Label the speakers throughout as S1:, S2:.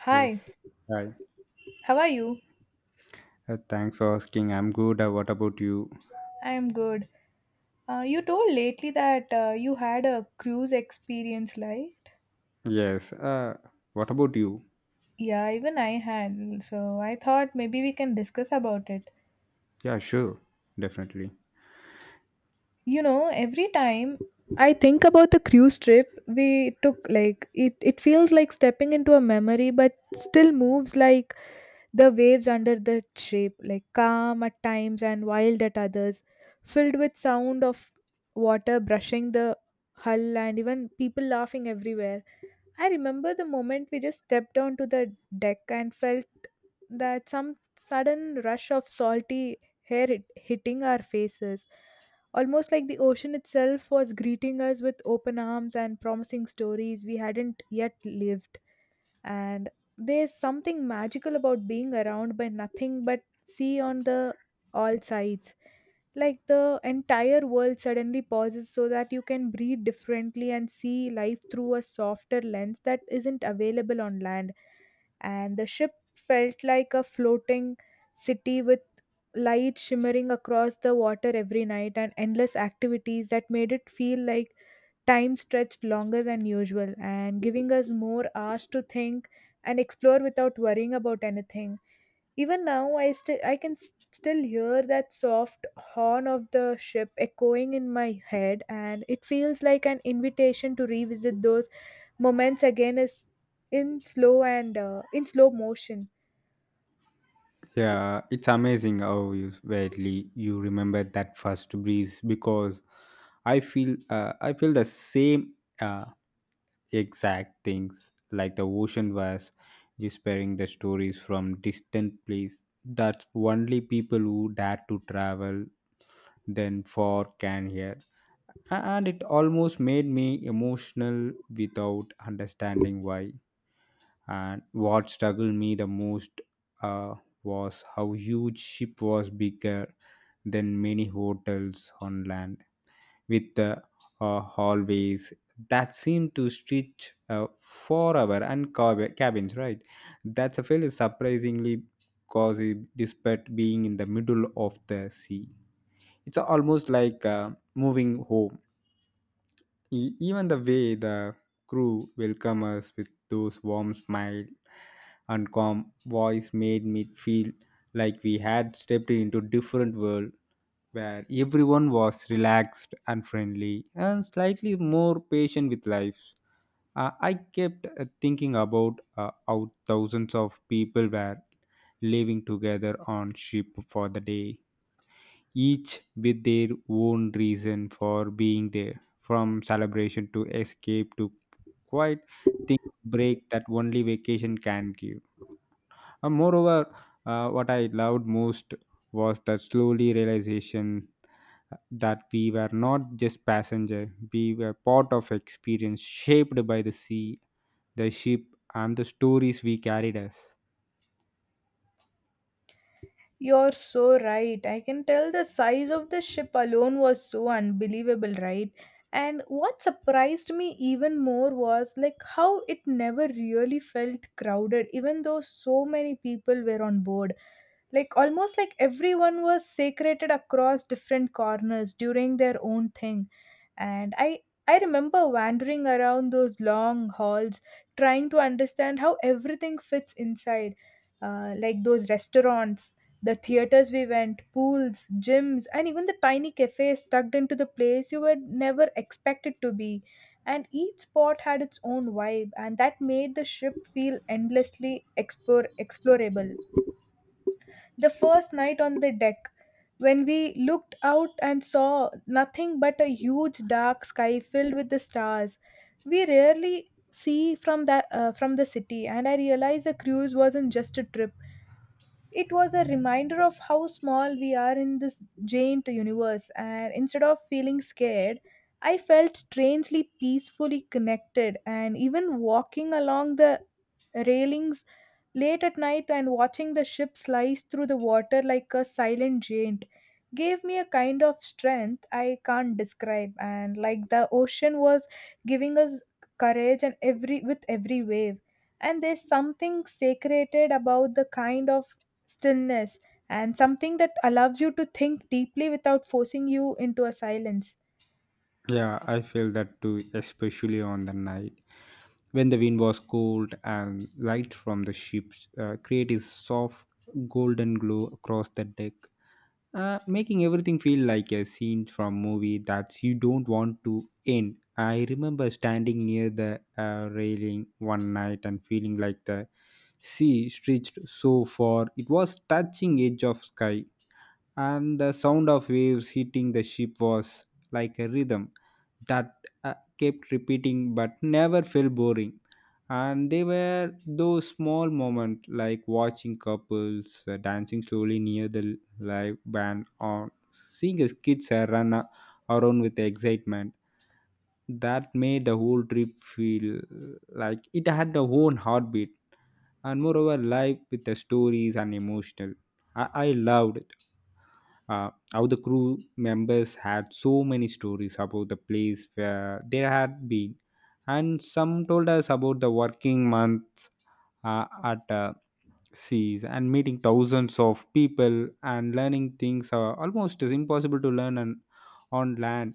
S1: Hi,
S2: Yes. Hi.
S1: how are you?
S2: Thanks for asking. I'm good. What about you?
S1: I am good. You told lately that you had a cruise experience, right?
S2: Yes. What about you?
S1: Yeah, even I had. So I thought maybe we can discuss about it.
S2: Yeah, sure. Definitely.
S1: You know, every time I think about the cruise trip we took, like it feels like stepping into a memory, but still moves like. The waves under the shape, like calm at times and wild at others, filled with sound of water brushing the hull and even people laughing everywhere. I remember the moment we just stepped onto the deck and felt that some sudden rush of salty hair hitting our faces. Almost like the ocean itself was greeting us with open arms and promising stories we hadn't yet lived, and there's something magical about being around by nothing but sea on the all sides, like the entire world suddenly pauses so that you can breathe differently and see life through a softer lens that isn't available on land. And the ship felt like a floating city with light shimmering across the water every night and endless activities that made it feel like time stretched longer than usual and giving us more hours to think and explore without worrying about anything. Even now, still I still hear that soft horn of the ship echoing in my head, and it feels like an invitation to revisit those moments again, is in slow and in slow motion.
S2: Yeah, it's amazing how you vaguely you remember that first breeze because I feel the same. Uh, Exact things, like the ocean was whispering the stories from distant place that only people who dare to travel then far can hear. And it almost made me emotional without understanding why. And what struggled me the most, uh, was how huge ship was, bigger than many hotels on land, with hallways that seem to stretch forever, and cabins, right? That's a fairly surprisingly cozy despite being in the middle of the sea. It's almost like moving home. Even the way the crew welcomed us with those warm smile and calm voice made me feel like we had stepped into different world where everyone was relaxed and friendly and slightly more patient with life. I kept thinking about how thousands of people were living together on ship for the day, each with their own reason for being there, from celebration to escape to quiet think break that only vacation can give. And moreover, what I loved most was the slowly realization that we were not just passenger; we were part of experience shaped by the sea, the ship, and the stories we carried us.
S1: You're so right. I can tell the size of the ship alone was so unbelievable, right? And what surprised me even more was like how it never really felt crowded, even though so many people were on board. Like almost like everyone was secreted across different corners doing their own thing. And I remember wandering around those long halls trying to understand how everything fits inside. Like those restaurants, the theaters we went, pools, gyms, and even the tiny cafes tucked into the place you were never expected to be. And each spot had its own vibe, and that made the ship feel endlessly explorable. The first night on the deck, when we looked out and saw nothing but a huge dark sky filled with the stars, we rarely see from the city. And I realized the cruise wasn't just a trip, it was a reminder of how small we are in this giant universe, and instead of feeling scared, I felt strangely peacefully connected. And even walking along the railings late at night and watching the ship slice through the water like a silent giant gave me a kind of strength I can't describe, and like the ocean was giving us courage and every with every wave. And there's something sacred about the kind of stillness and something that allows you to think deeply without forcing you into a silence.
S2: Yeah, I feel that too, especially on the night when the wind was cold and light from the ships created a soft golden glow across the deck, making everything feel like a scene from movie that you don't want to end. I remember standing near the railing one night and feeling like the sea stretched so far it was touching edge of sky, and the sound of waves hitting the ship was like a rhythm that kept repeating but never felt boring. And they were those small moments like watching couples dancing slowly near the live band, or seeing his kids around with excitement, that made the whole trip feel like it had a own heartbeat and moreover live with the stories and emotional. I loved it, how the crew members had so many stories about the place where they had been, and some told us about the working months at seas and meeting thousands of people and learning things are almost is impossible to learn on land.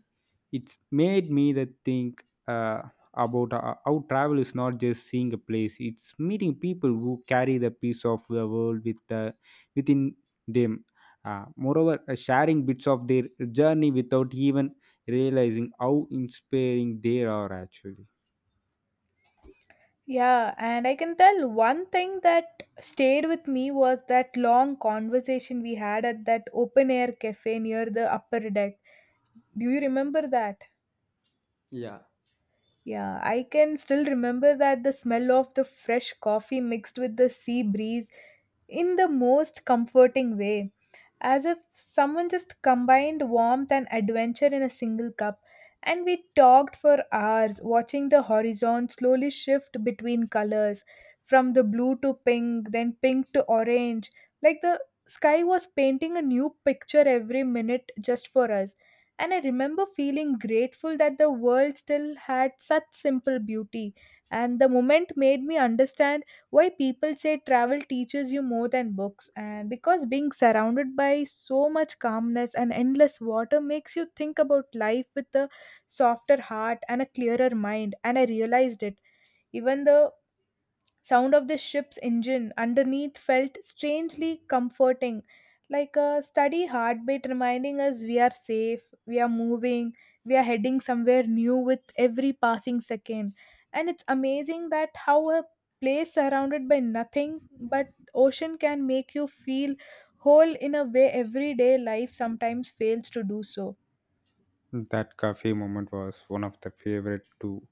S2: It's made me that think about how travel is not just seeing a place, it's meeting people who carry the piece of the world within them, moreover sharing bits of their journey without even realizing how inspiring they are actually.
S1: Yeah, and I can tell one thing that stayed with me was that long conversation we had at that open air cafe near the upper deck. Do you remember that? Yeah, I can still remember that the smell of the fresh coffee mixed with the sea breeze in the most comforting way, as if someone just combined warmth and adventure in a single cup. And we talked for hours, watching the horizon slowly shift between colors, from the blue to pink, then pink to orange. Like the sky was painting a new picture every minute just for us. And I remember feeling grateful that the world still had such simple beauty. And the moment made me understand why people say travel teaches you more than books, and because being surrounded by so much calmness and endless water makes you think about life with a softer heart and a clearer mind. And I realized it, even though sound of the ship's engine underneath felt strangely comforting, like a steady heartbeat reminding us we are safe, we are moving, we are heading somewhere new with every passing second. And it's amazing that how a place surrounded by nothing but ocean can make you feel whole in a way everyday life sometimes fails to do so.
S2: That cafe moment was one of the favorite too,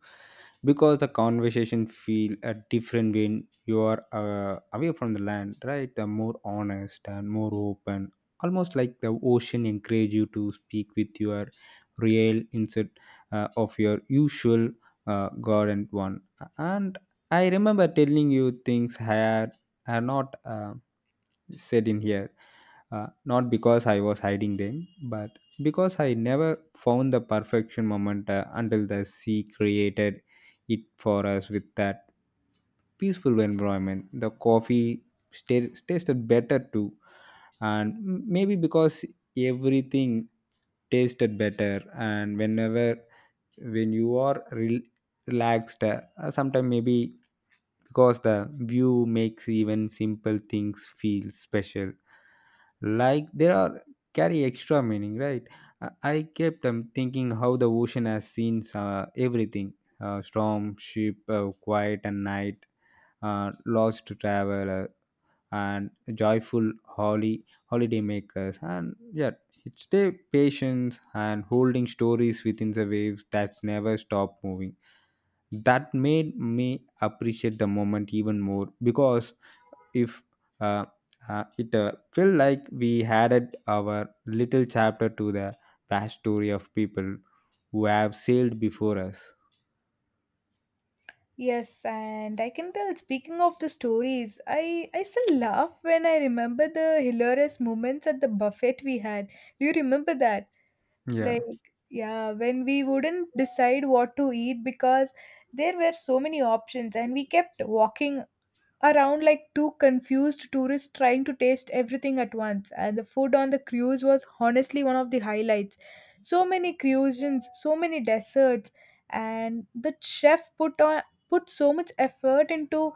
S2: because the conversation feel a different when you are away from the land, right? The more honest and more open, almost like the ocean encourage you to speak with your real instead of your usual garden one. And I remember telling you things I had are not. Said in here, not because I was hiding them, but because I never found the perfection moment until the sea created it for us. With that peaceful environment the coffee tasted better too, and maybe because everything tasted better, and when you are relaxed sometimes, maybe because the view makes even simple things feel special, like there are carry extra meaning, right? I kept thinking how the ocean has seen everything, storm ship, quiet and night, lost traveler, and joyful holly holidaymakers. And yeah, it's their patience and holding stories within the waves that's never stop moving. That made me appreciate the moment even more, because if uh, it felt like we added our little chapter to the vast story of people who have sailed before us.
S1: Yes, and I can tell. Speaking of the stories, I still laugh when I remember the hilarious moments at the buffet we had. Do you remember that?
S2: Yeah.
S1: Like, yeah, when we wouldn't decide what to eat because there were so many options, and we kept walking around like two confused tourists trying to taste everything at once. And the food on the cruise was honestly one of the highlights, so many cuisines, so many desserts, and the chef put so much effort into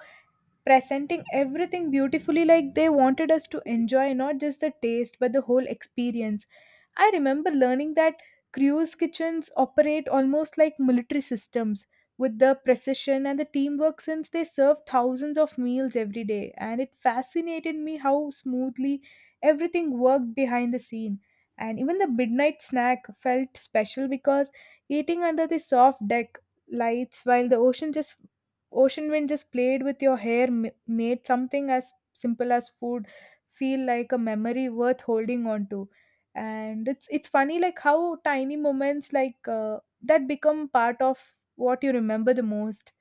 S1: presenting everything beautifully, like they wanted us to enjoy not just the taste but the whole experience. I remember learning that crews' kitchens operate almost like military systems with the precision and the teamwork, since they serve thousands of meals every day. And it fascinated me how smoothly everything worked behind the scene. And even the midnight snack felt special because eating under the soft deck lights while the ocean wind just played with your hair made something as simple as food feel like a memory worth holding on to. And it's funny like how tiny moments like that become part of what you remember the most.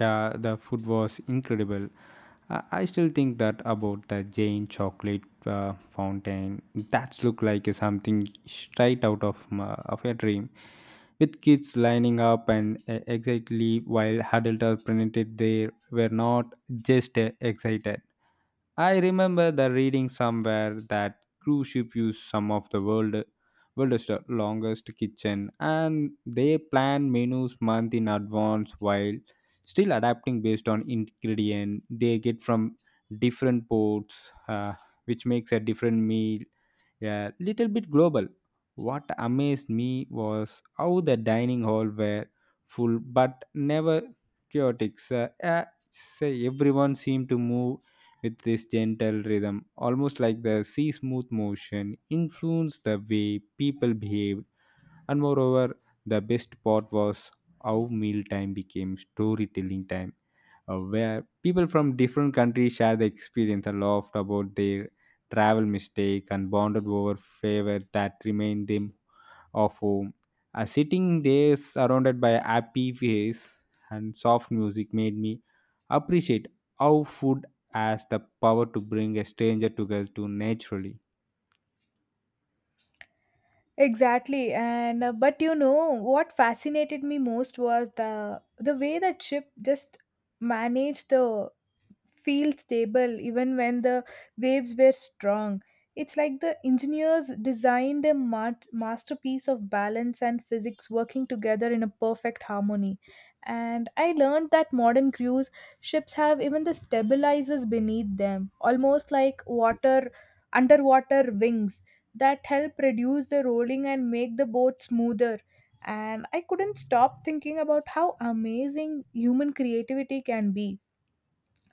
S2: Yeah, the food was incredible. I still think that about the Jane chocolate fountain. That looked like something straight out of of a dream, with kids lining up and excitedly while adults are presented. They were not just excited. I remember the reading somewhere that cruise ship used some of the world's longest kitchen, and they plan menus month in advance while still adapting based on ingredient they get from different ports, which makes a different meal a little bit global. What amazed me was how the dining hall were full but never chaotic. So, say everyone seemed to move with this gentle rhythm, almost like the sea smooth motion influenced the way people behaved. And moreover, the best part was how mealtime became storytelling time, where people from different countries share their experience and laughed about their travel mistake and bonded over favor that remained them of home. Sitting there surrounded by a happy face and soft music made me appreciate how food has the power to bring a stranger together to naturally.
S1: Exactly, and but you know what fascinated me most was the way that ship just managed the feel stable even when the waves were strong. It's like the engineers designed a masterpiece of balance and physics working together in a perfect harmony. And I learned that modern cruise ships have even the stabilizers beneath them, almost like water underwater wings that help reduce the rolling and make the boat smoother. And I couldn't stop thinking about how amazing human creativity can be,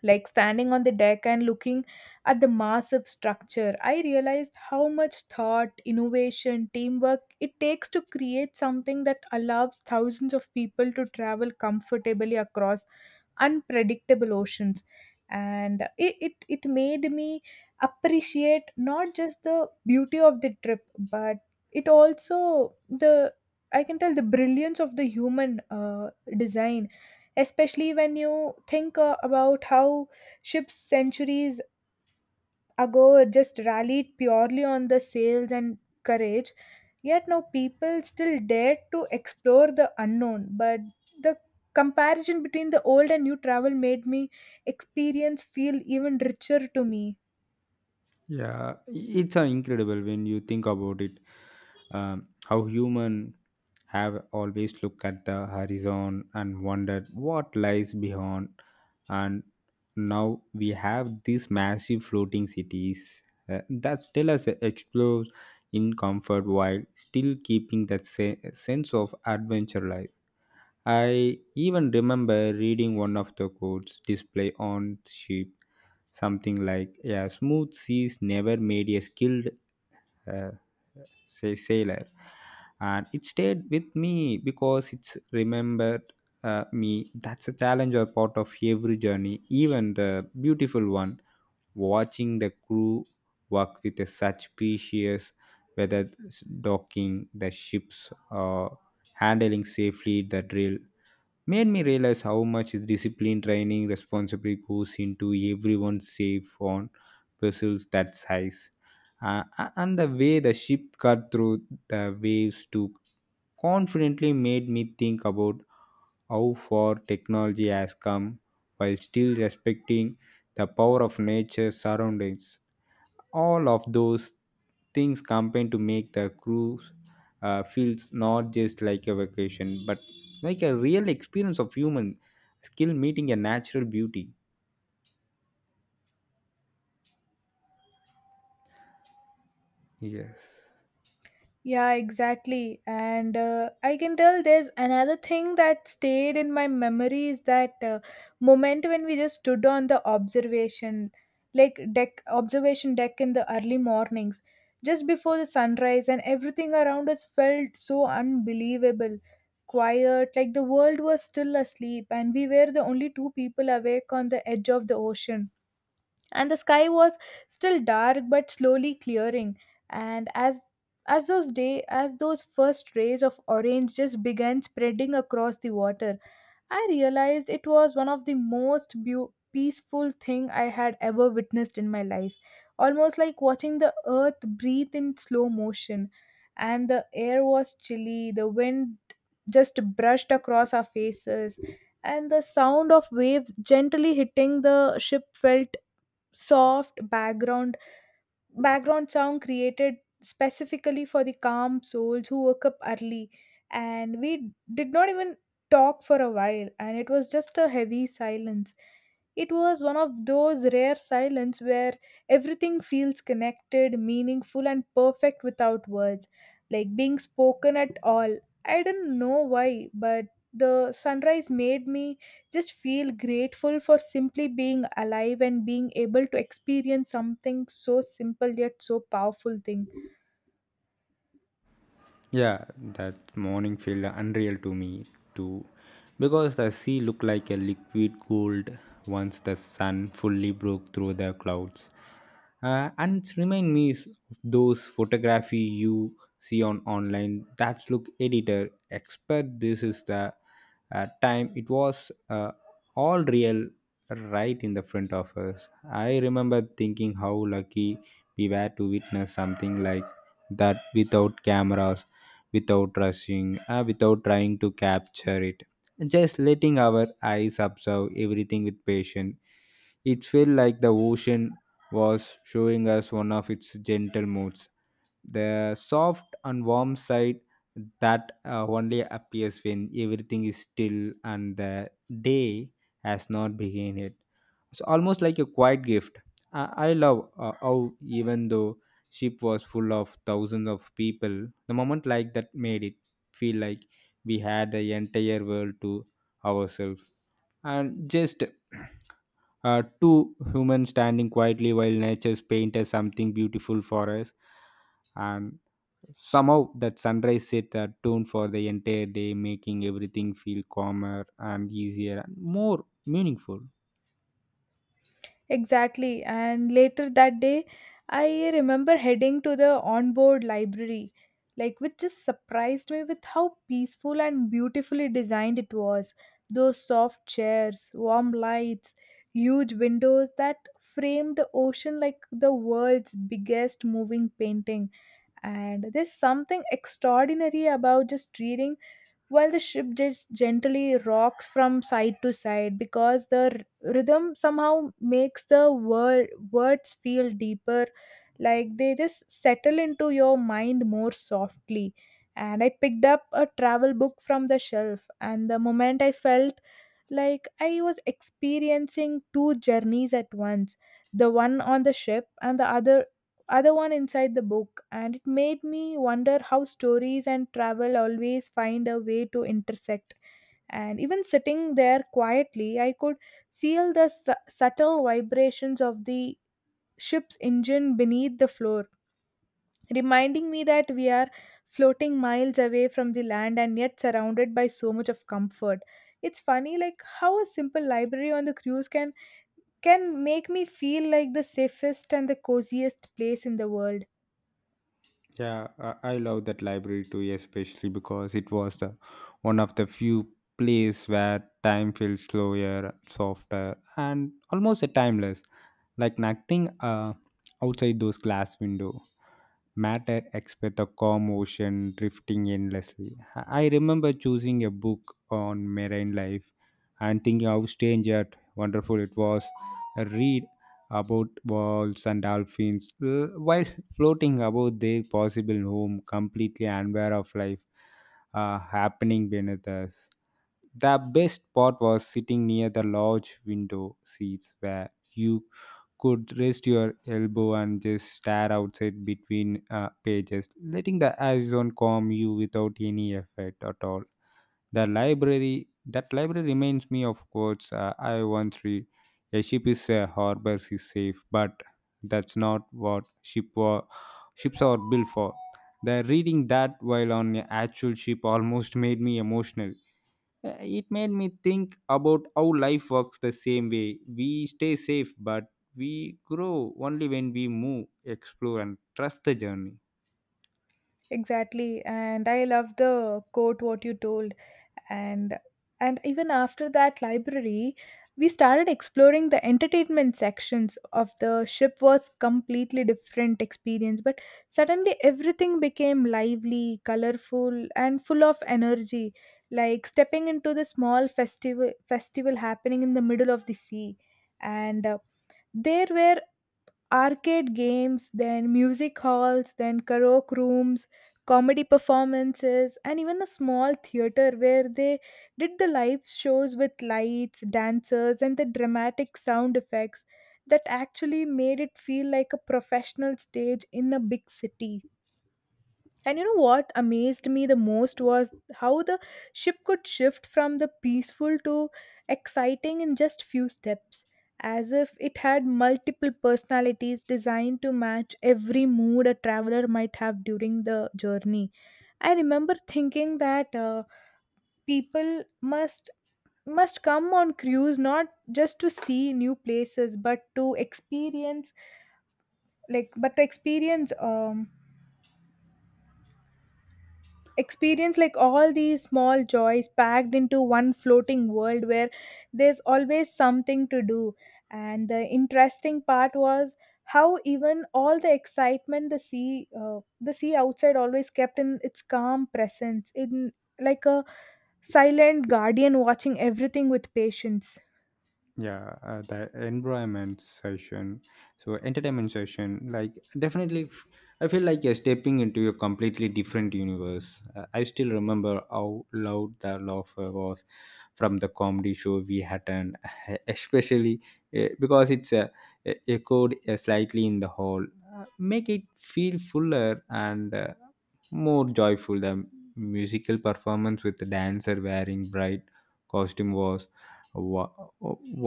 S1: like standing on the deck and looking at the massive structure, I realized how much thought, innovation, teamwork it takes to create something that allows thousands of people to travel comfortably across unpredictable oceans. And it made me appreciate not just the beauty of the trip but it also, the I can tell the brilliance of the human design, especially when you think about how ships centuries ago just rallied purely on the sales and courage, yet now people still dare to explore the unknown. But the comparison between the old and new travel made me experience feel even richer to me.
S2: Yeah, it's incredible when you think about it. How human have always looked at the horizon and wondered what lies beyond, and now we have these massive floating cities that still us explore in comfort while still keeping that sense of adventure life. I even remember reading one of the quotes displayed on ship, something like, yeah, smooth seas never made a skilled uh, say sailor. And it stayed with me because it's remembered me that's a challenge or part of every journey, even the beautiful one. Watching the crew work with such precious, whether it's docking the ships or handling safely the drill, made me realize how much is discipline training responsibility goes into everyone safe on vessels that size. And the way the ship cut through the waves to confidently made me think about how far technology has come while still respecting the power of nature surroundings. All of those things combine to make the cruise feels not just like a vacation but like a real experience of human skill meeting a natural beauty. Yes.
S1: Yeah, exactly. And I can tell there's another thing that stayed in my memory is that moment when we just stood on the observation, like deck, observation deck in the early mornings, just before the sunrise, and everything around us felt so unbelievable, quiet, like the world was still asleep, and we were the only two people awake on the edge of the ocean. And the sky was still dark but slowly clearing, and as those first rays of orange just began spreading across the water, I realized it was one of the most beau peaceful thing I had ever witnessed in my life, almost like watching the earth breathe in slow motion. And the air was chilly, the wind just brushed across our faces, and the sound of waves gently hitting the ship felt soft background sound created specifically for the calm souls who woke up early. And we did not even talk for a while, and it was just a heavy silence. It was one of those rare silence where everything feels connected, meaningful, and perfect without words, like being spoken at all. I don't know why, but the sunrise made me just feel grateful for simply being alive and being able to experience something so simple yet so powerful thing.
S2: Yeah, that morning felt unreal to me too, because the sea looked like a liquid gold once the sun fully broke through the clouds, and it's remind me of those photography you see on online that's look editor expert. This is the time, it was all real right in the front of us. I remember thinking how lucky we were to witness something like that without cameras, without rushing, without trying to capture it, just letting our eyes observe everything with patience. It felt like the ocean was showing us one of its gentle moods, the soft and warm side that only appears when everything is still and the day has not begun yet. It's almost like a quiet gift. I love how, even though ship was full of thousands of people, the moment like that made it feel like we had the entire world to ourselves and just two humans standing quietly while nature's paint as something beautiful for us. And somehow that sunrise set a tone for the entire day, making everything feel calmer and easier and more meaningful.
S1: Exactly. And later that day, I remember heading to the onboard library, like which just surprised me with how peaceful and beautifully designed it was. Those soft chairs, warm lights, huge windows that framed the ocean like the world's biggest moving painting. And there's something extraordinary about just reading while the ship just gently rocks from side to side because the rhythm somehow makes the words feel deeper, like they just settle into your mind more softly. And I picked up a travel book from the shelf, and the moment I felt like I was experiencing two journeys at once, the one on the ship and the other one inside the book. And it made me wonder how stories and travel always find a way to intersect. And even sitting there quietly, I could feel the subtle vibrations of the ship's engine beneath the floor, reminding me that we are floating miles away from the land and yet surrounded by so much of comfort. It's funny like how a simple library on the cruise can make me feel like the safest and the coziest place in the world.
S2: Yeah, I love that library too, especially because it was the one of the few place where time feels slower, softer, and almost a timeless. Like nothing outside those glass window matter except the calm ocean drifting endlessly. I remember choosing a book on marine life and thinking how strange yet wonderful it was. I read about whales and dolphins while floating above their possible home, completely unaware of life happening beneath us. The best part was sitting near the large window seats where you could rest your elbow and just stare outside between pages, letting the horizon calm you without any effort at all. The library That library reminds me of quotes I once read. A ship is a harbor is safe, but that's not what ships are built for. The reading that while on an actual ship almost made me emotional. It made me think about how life works the same way. We stay safe, but we grow only when we move, explore, and trust the journey.
S1: Exactly, and I love the quote what you told, and and even after that library, we started exploring the entertainment sections of the ship was completely different experience. But suddenly everything became lively, colorful, and full of energy, like stepping into the small festival happening in the middle of the sea, and there were arcade games, then music halls, then karaoke rooms, comedy performances, and even a small theater where they did the live shows with lights, dancers, and the dramatic sound effects that actually made it feel like a professional stage in a big city. And you know what amazed me the most was how the ship could shift from the peaceful to exciting in just few steps, as if it had multiple personalities designed to match every mood a traveler might have during the journey. I remember thinking that people must come on cruise not just to see new places, but to experience like but to experience like all these small joys packed into one floating world where there's always something to do. And the interesting part was how even all the excitement, the sea outside always kept in its calm presence, in like a silent guardian watching everything with patience.
S2: Yeah, the environment session, so entertainment session, like definitely I feel like you're stepping into a completely different universe. I still remember how loud the laughter was from the comedy show we had, and especially because it's echoed slightly in the hall, make it feel fuller and, more joyful. The musical performance with the dancer wearing bright costume was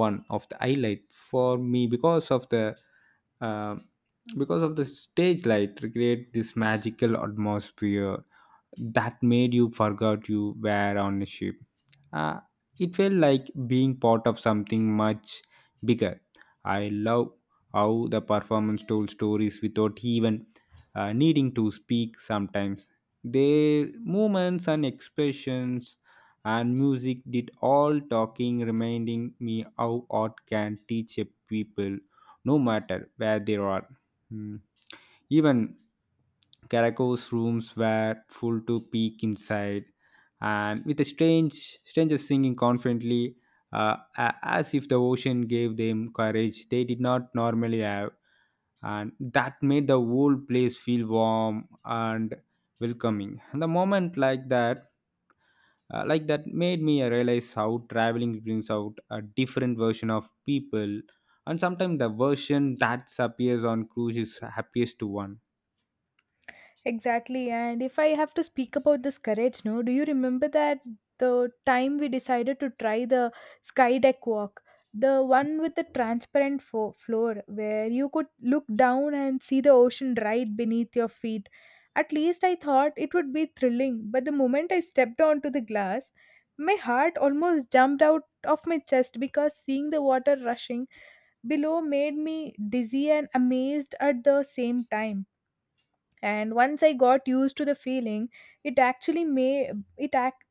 S2: one of the highlight for me um because of the stage light create this magical atmosphere that made you forgot you were on a ship. Uh, it felt like being part of something much bigger. I love how the performance told stories without even needing to speak sometimes. Their movements and expressions and music did all talking, reminding me how art can teach a people no matter where they are. Hmm. Even Caraco's rooms were full to peek inside, and with a strange stranger singing confidently, as if the ocean gave them courage they did not normally have, and that made the whole place feel warm and welcoming. And the moment like that, made me realize how traveling brings out a different version of people, and sometimes the version that appears on cruise is happiest to one.
S1: Exactly. And if I have to speak about this courage, no, do you remember that the time we decided to try the sky deck walk? The one with the transparent floor where you could look down and see the ocean right beneath your feet. At least I thought it would be thrilling, but the moment I stepped onto the glass, my heart almost jumped out of my chest because seeing the water rushing below made me dizzy and amazed at the same time. And once I got used to the feeling, it actually made it act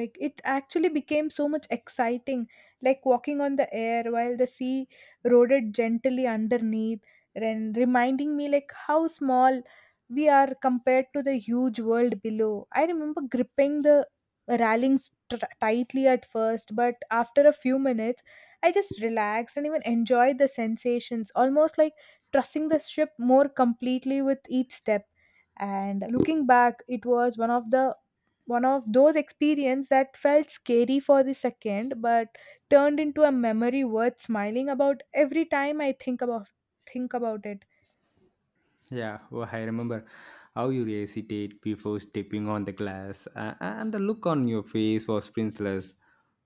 S1: like it actually became so much exciting, like walking on the air while the sea eroded gently underneath, and reminding me like how small we are compared to the huge world below. I remember gripping the railings tr tightly at first, but after a few minutes I just relaxed and even enjoyed the sensations, almost like trusting the ship more completely with each step. And looking back, it was one of those experience that felt scary for the second, but turned into a memory worth smiling about every time I think about it.
S2: Yeah, oh, I remember how you hesitate before stepping on the glass, and the look on your face was priceless.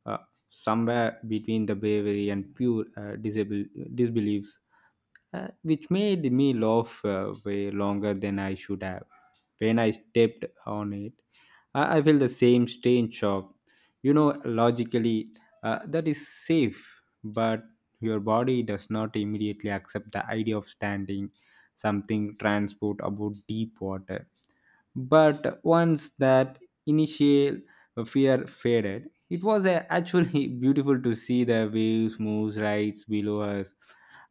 S2: Uh, Somewhere between the bravery and pure disbelief, which made me laugh way longer than I should have. When I stepped on it, I felt the same strange shock. You know, logically, that is safe, but your body does not immediately accept the idea of standing something transport about deep water. But once that initial fear faded, it was actually beautiful to see the waves moves right below us,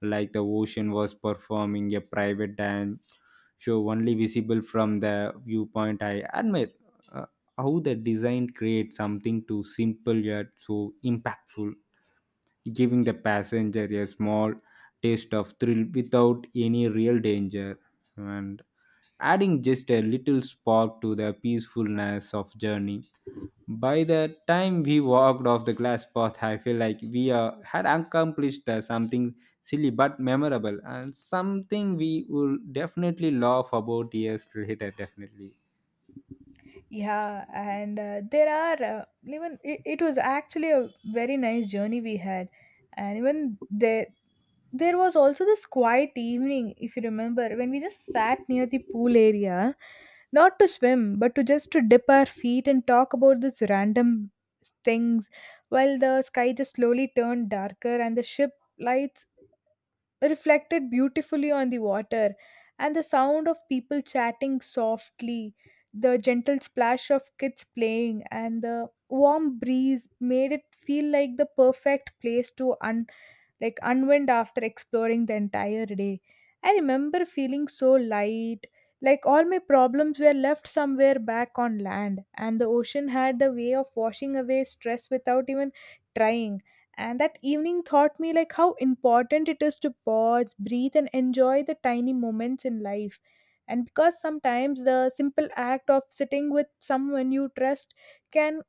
S2: like the ocean was performing a private dance show only visible from the viewpoint. I admire uh, how the design creates something too simple yet so impactful, giving the passenger a small taste of thrill without any real danger. And adding just a little spark to the peacefulness of journey. By the time we walked off the glass path, I feel like we had accomplished something silly but memorable, and something we will definitely laugh about years later, definitely.
S1: Yeah, and there are even it was actually a very nice journey we had, and even there was also this quiet evening, if you remember, when we just sat near the pool area, not to swim, but to just to dip our feet and talk about these random things, while the sky just slowly turned darker and the ship lights reflected beautifully on the water, and the sound of people chatting softly, the gentle splash of kids playing and the warm breeze made it feel like the perfect place to unwind after exploring the entire day. I remember feeling so light, like all my problems were left somewhere back on land, and the ocean had the way of washing away stress without even trying. And that evening taught me like how important it is to pause, breathe, and enjoy the tiny moments in life, and because sometimes the simple act of sitting with someone you trust can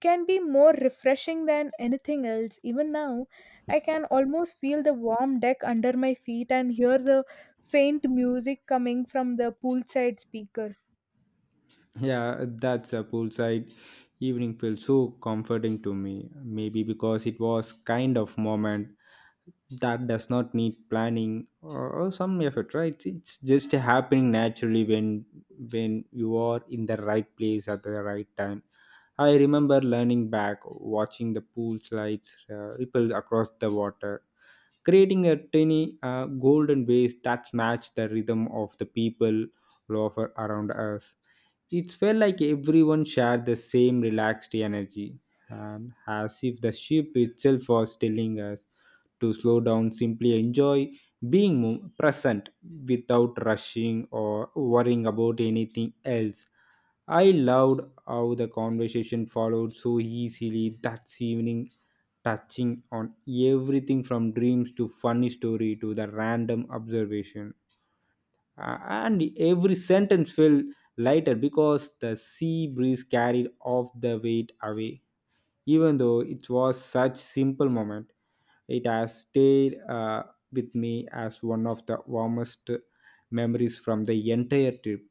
S1: can be more refreshing than anything else. Even now I can almost feel the warm deck under my feet and hear the faint music coming from the poolside speakers.
S2: Yeah, that's a poolside evening felt so comforting to me. Maybe because it was kind of moment that does not need planning or some effort, right? It's just happening naturally when you are in the right place at the right time. I remember learning back watching the pool slides ripple across the water, creating a tiny golden bass that matched the rhythm of the people loafer around us. It felt like everyone shared the same relaxed energy, and as if the ship itself was telling us to slow down, simply enjoy being present without rushing or worrying about anything else. I loved how the conversation followed so easily that evening, touching on everything from dreams to funny story to the random observation. And every sentence felt lighter because the sea breeze carried off the weight away. Even though it was such simple moment, it has stayed, with me as one of the warmest memories from the entire trip.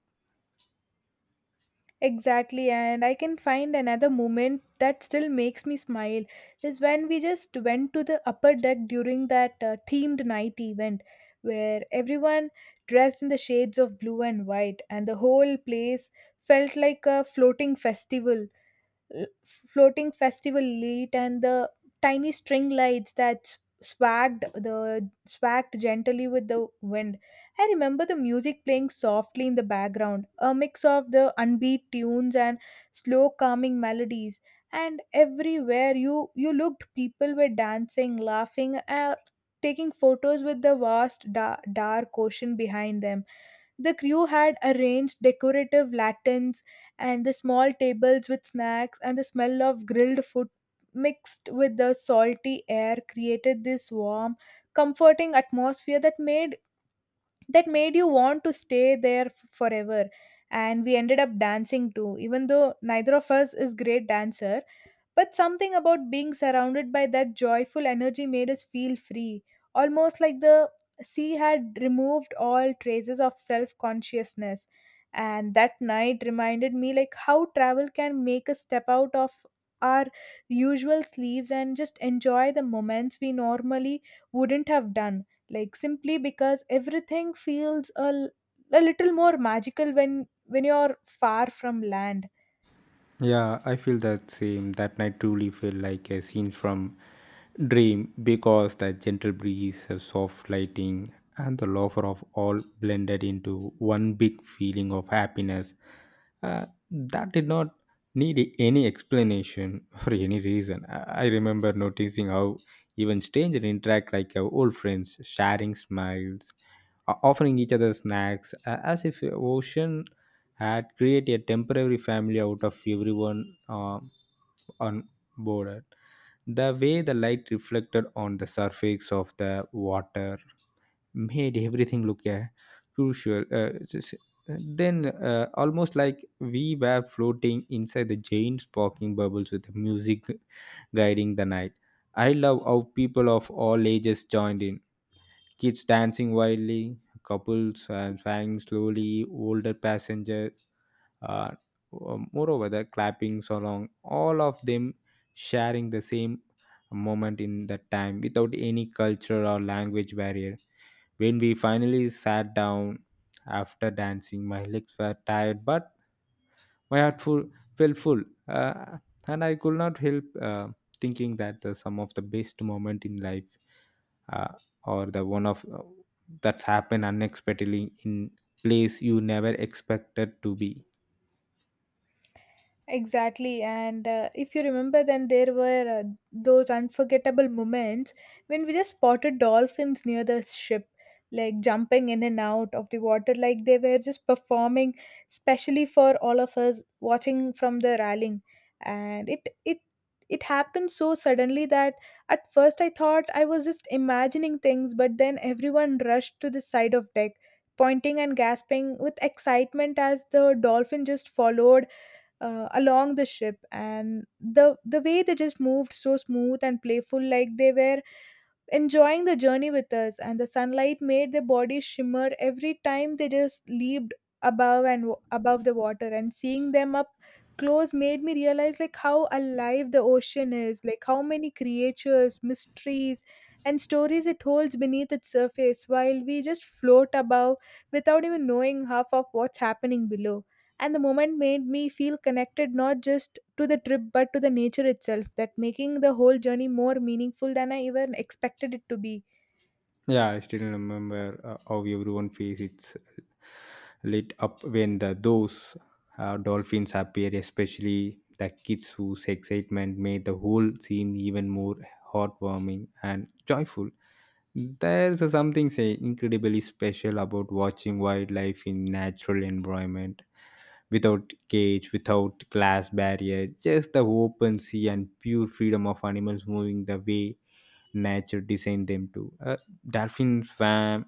S1: Exactly, and I can find another moment that still makes me smile is when we just went to the upper deck during that themed night event where everyone dressed in the shades of blue and white, and the whole place felt like a floating l- festival elite and the tiny string lights that swagged gently with the wind. I remember the music playing softly in the background, a mix of the unbeat tunes and slow calming melodies. And everywhere you looked, people were dancing, laughing, or taking photos with the vast dark ocean behind them. The crew had arranged decorative lanterns and the small tables with snacks, and the smell of grilled food mixed with the salty air created this warm, comforting atmosphere that made you want to stay there forever. And we ended up dancing too, even though neither of us is great dancer. But something about being surrounded by that joyful energy made us feel free, almost like the sea had removed all traces of self consciousness. And that night reminded me like how travel can make us step out of our usual sleeves and just enjoy the moments we normally wouldn't have done. Like simply because everything feels a little more magical when you're far from land.
S2: Yeah, I feel that same. That night truly felt like a scene from Dream because the gentle breeze, the soft lighting, and the lover of all blended into one big feeling of happiness. That did not need any explanation for any reason. I remember noticing how even strangers interact like old friends, sharing smiles, offering each other snacks, as if the ocean had create a temporary family out of everyone on board. The way the light reflected on the surface of the water made everything look crucial. Then, almost like we were floating inside the giant sparkling bubbles with the music guiding the night. I love how people of all ages joined in. Kids dancing wildly, couples and flying slowly, older passengers uh, moreover, the clapping, so long, all of them sharing the same moment in that time without any culture or language barrier. When we finally sat down after dancing, my legs were tired, but my heart full, felt full. Uh, and I could not help thinking that the, some of the best moment in life uh, or the one of that's happened unexpectedly in place you never expected to be.
S1: Exactly, and if you remember, then there were those unforgettable moments when we just spotted dolphins near the ship, like jumping in and out of the water, like they were just performing specially for all of us watching from the railing. And it happened so suddenly that at first I thought I was just imagining things, but then everyone rushed to the side of deck, pointing and gasping with excitement as the dolphin just followed along the ship. And the way they just moved so smooth and playful, like they were enjoying the journey with us, and the sunlight made their bodies shimmer every time they just leaped above the water. And seeing them up close made me realize like how alive the ocean is, like how many creatures mysteries and stories it holds beneath its surface while we just float above without even knowing half of what's happening below. And the moment made me feel connected not just to the trip but to the nature itself, that making the whole journey more meaningful than I even expected it to be.
S2: Yeah, I still remember how everyone face it's lit up when the those dolphins appeared, especially the kids whose excitement made the whole scene even more heartwarming and joyful. There's a something say incredibly special about watching wildlife in natural environment without cage, without glass barrier, just the open sea and pure freedom of animals moving the way nature designed them to. Dolphins swam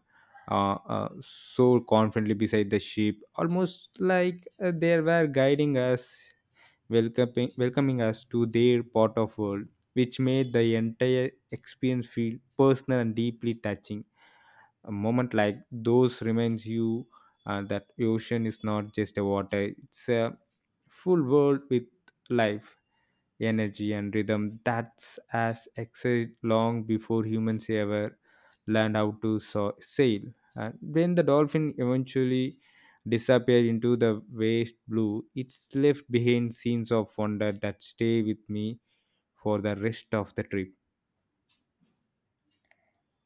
S2: so confidently beside the ship, almost like they were guiding us, welcoming us to their part of world, which made the entire experience feel personal and deeply touching. A moment like those reminds you that ocean is not just a water; it's a full world with life energy and rhythm that's as exist long before humans ever learned how to sail. And when the dolphin eventually disappear into the waste blue, it's left behind scenes of wonder that stay with me for the rest of the trip.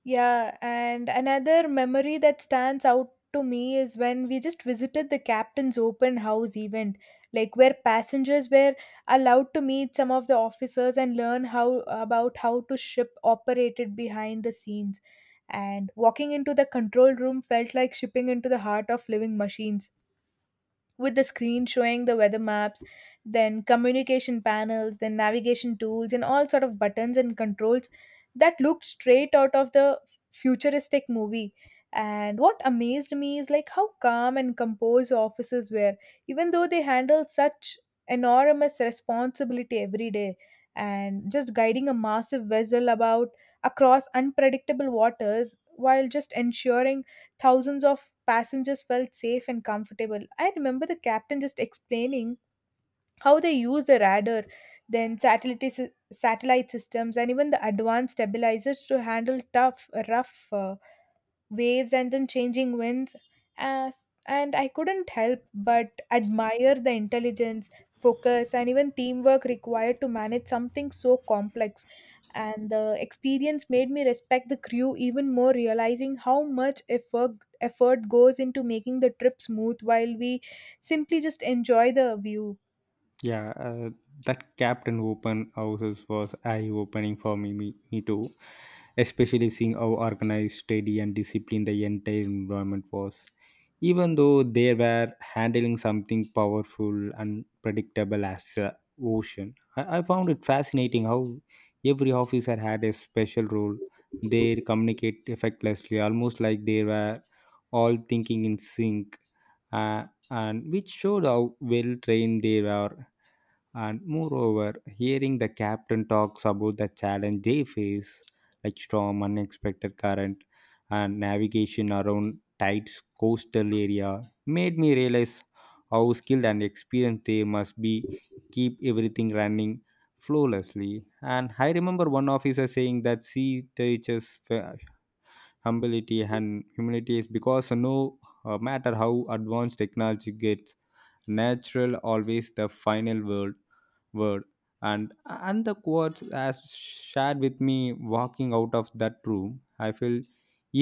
S1: Yeah, and another memory that stands out to me is when we just visited the captain's open house event, like where passengers were allowed to meet some of the officers and learn how about how to ship operated behind the scenes. And walking into the control room felt like shipping into the heart of living machines, with the screen showing the weather maps, then communication panels, then navigation tools, and all sort of buttons and controls that looked straight out of the futuristic movie. And what amazed me is like how calm and composed officers were, even though they handled such enormous responsibility every day, and just guiding a massive vessel about across unpredictable waters while just ensuring thousands of passengers felt safe and comfortable. I remember the captain just explaining how they use the radar, then satellite systems, and even the advanced stabilizers to handle rough waves and then changing winds as. And I couldn't help but admire the intelligence, focus, and even teamwork required to manage something so complex. And the experience made me respect the crew even more, realizing how much effort goes into making the trip smooth while we simply just enjoy the view.
S2: Yeah, that Captain Open houses was eye-opening for me too. Especially seeing how organized, steady, and disciplined the entire environment was. Even though they were handling something powerful and predictable as ocean, I found it fascinating how every officer had a special role. They communicate effortlessly, almost like they were all thinking in sync, uh, and which showed how well trained they were, and moreover, hearing the captain talks about the challenge they face, like storm, unexpected current, and navigation around tight coastal area, made me realize how skilled and experienced they must be keep everything running flawlessly. And I remember one officer saying that sea teaches humility, and humility is because no matter how advanced technology gets, natural always the final word. And the quotes as shared with me walking out of that room, I feel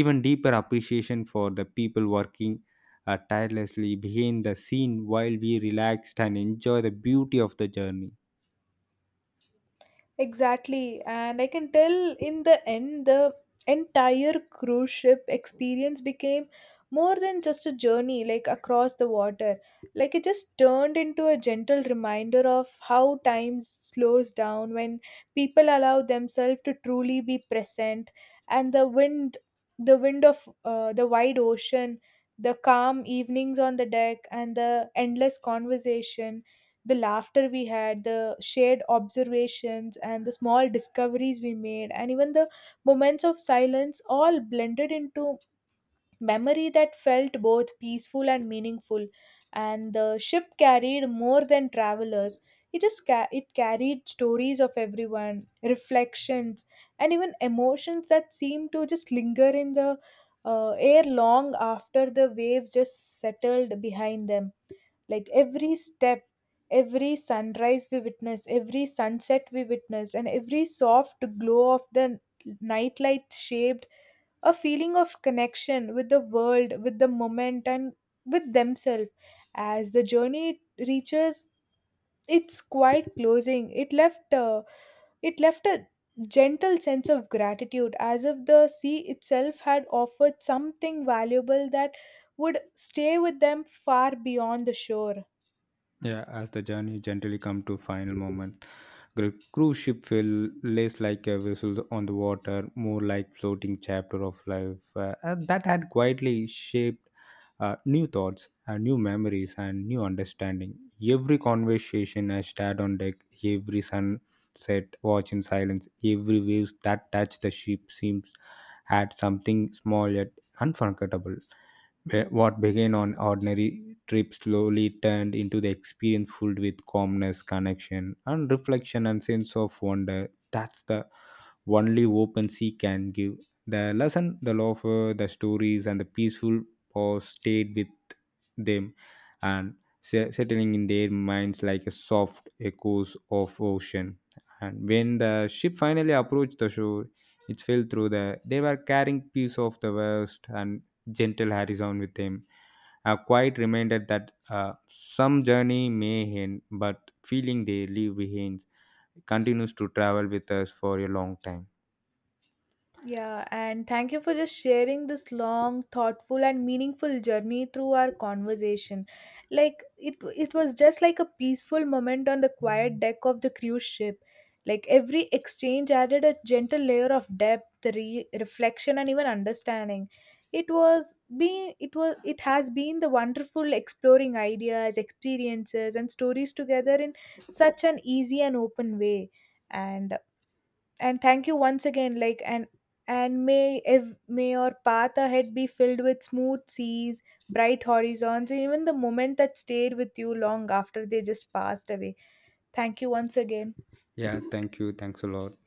S2: even deeper appreciation for the people working tirelessly behind the scene while we relaxed and enjoy the beauty of the journey.
S1: Exactly. And I can tell in the end, the entire cruise ship experience became more than just a journey, like across the water. Like it just turned into a gentle reminder of how time slows down when people allow themselves to truly be present. And the wind of the wide ocean, the calm evenings on the deck, and the endless conversation, the laughter we had, the shared observations, and the small discoveries we made, and even the moments of silence, all blended into memory that felt both peaceful and meaningful. And the ship carried more than travelers. It just it carried stories of everyone, reflections, and even emotions that seemed to just linger in the air long after the waves just settled behind them, like every step, every sunrise we witness, every sunset we witness, and every soft glow of the night light shaped a feeling of connection with the world, with the moment, and with themselves. As the journey reaches its quiet closing, it left a gentle sense of gratitude, as if the sea itself had offered something valuable that would stay with them far beyond the shore.
S2: Yeah, as the journey gently come to final moment, the cruise ship feel less like a vessel on the water, more like floating chapter of life, and that had quietly shaped new thoughts, new memories, and new understanding. Every conversation I stared on deck, every sunset watch in silence, every waves that touched the ship seems had something small yet unforgettable. What began on ordinary trip slowly turned into the experience filled with calmness, connection, and reflection and sense of wonder. That's the only OpenSea can give. The lesson, the love, the stories, and the peaceful pause stayed with them, and settling in their minds like a soft echoes of ocean. And when the ship finally approached the shore, it fell through the. They were carrying piece of the west and gentle horizon with them. A quiet reminder that some journey may end, but feeling they leave behind continues to travel with us for a long time.
S1: Yeah, and thank you for just sharing this long, thoughtful, and meaningful journey through our conversation. Like it was just like a peaceful moment on the quiet deck of the cruise ship. Like every exchange added a gentle layer of depth, reflection, and even understanding. It was being, it was, it has been the wonderful exploring ideas, experiences, and stories together in such an easy and open way. And and thank you once again, and may may your path ahead be filled with smooth seas, bright horizons, and even the moment that stayed with you long after they just passed away. Thank you once again.
S2: Yeah, thank you. Thanks a lot.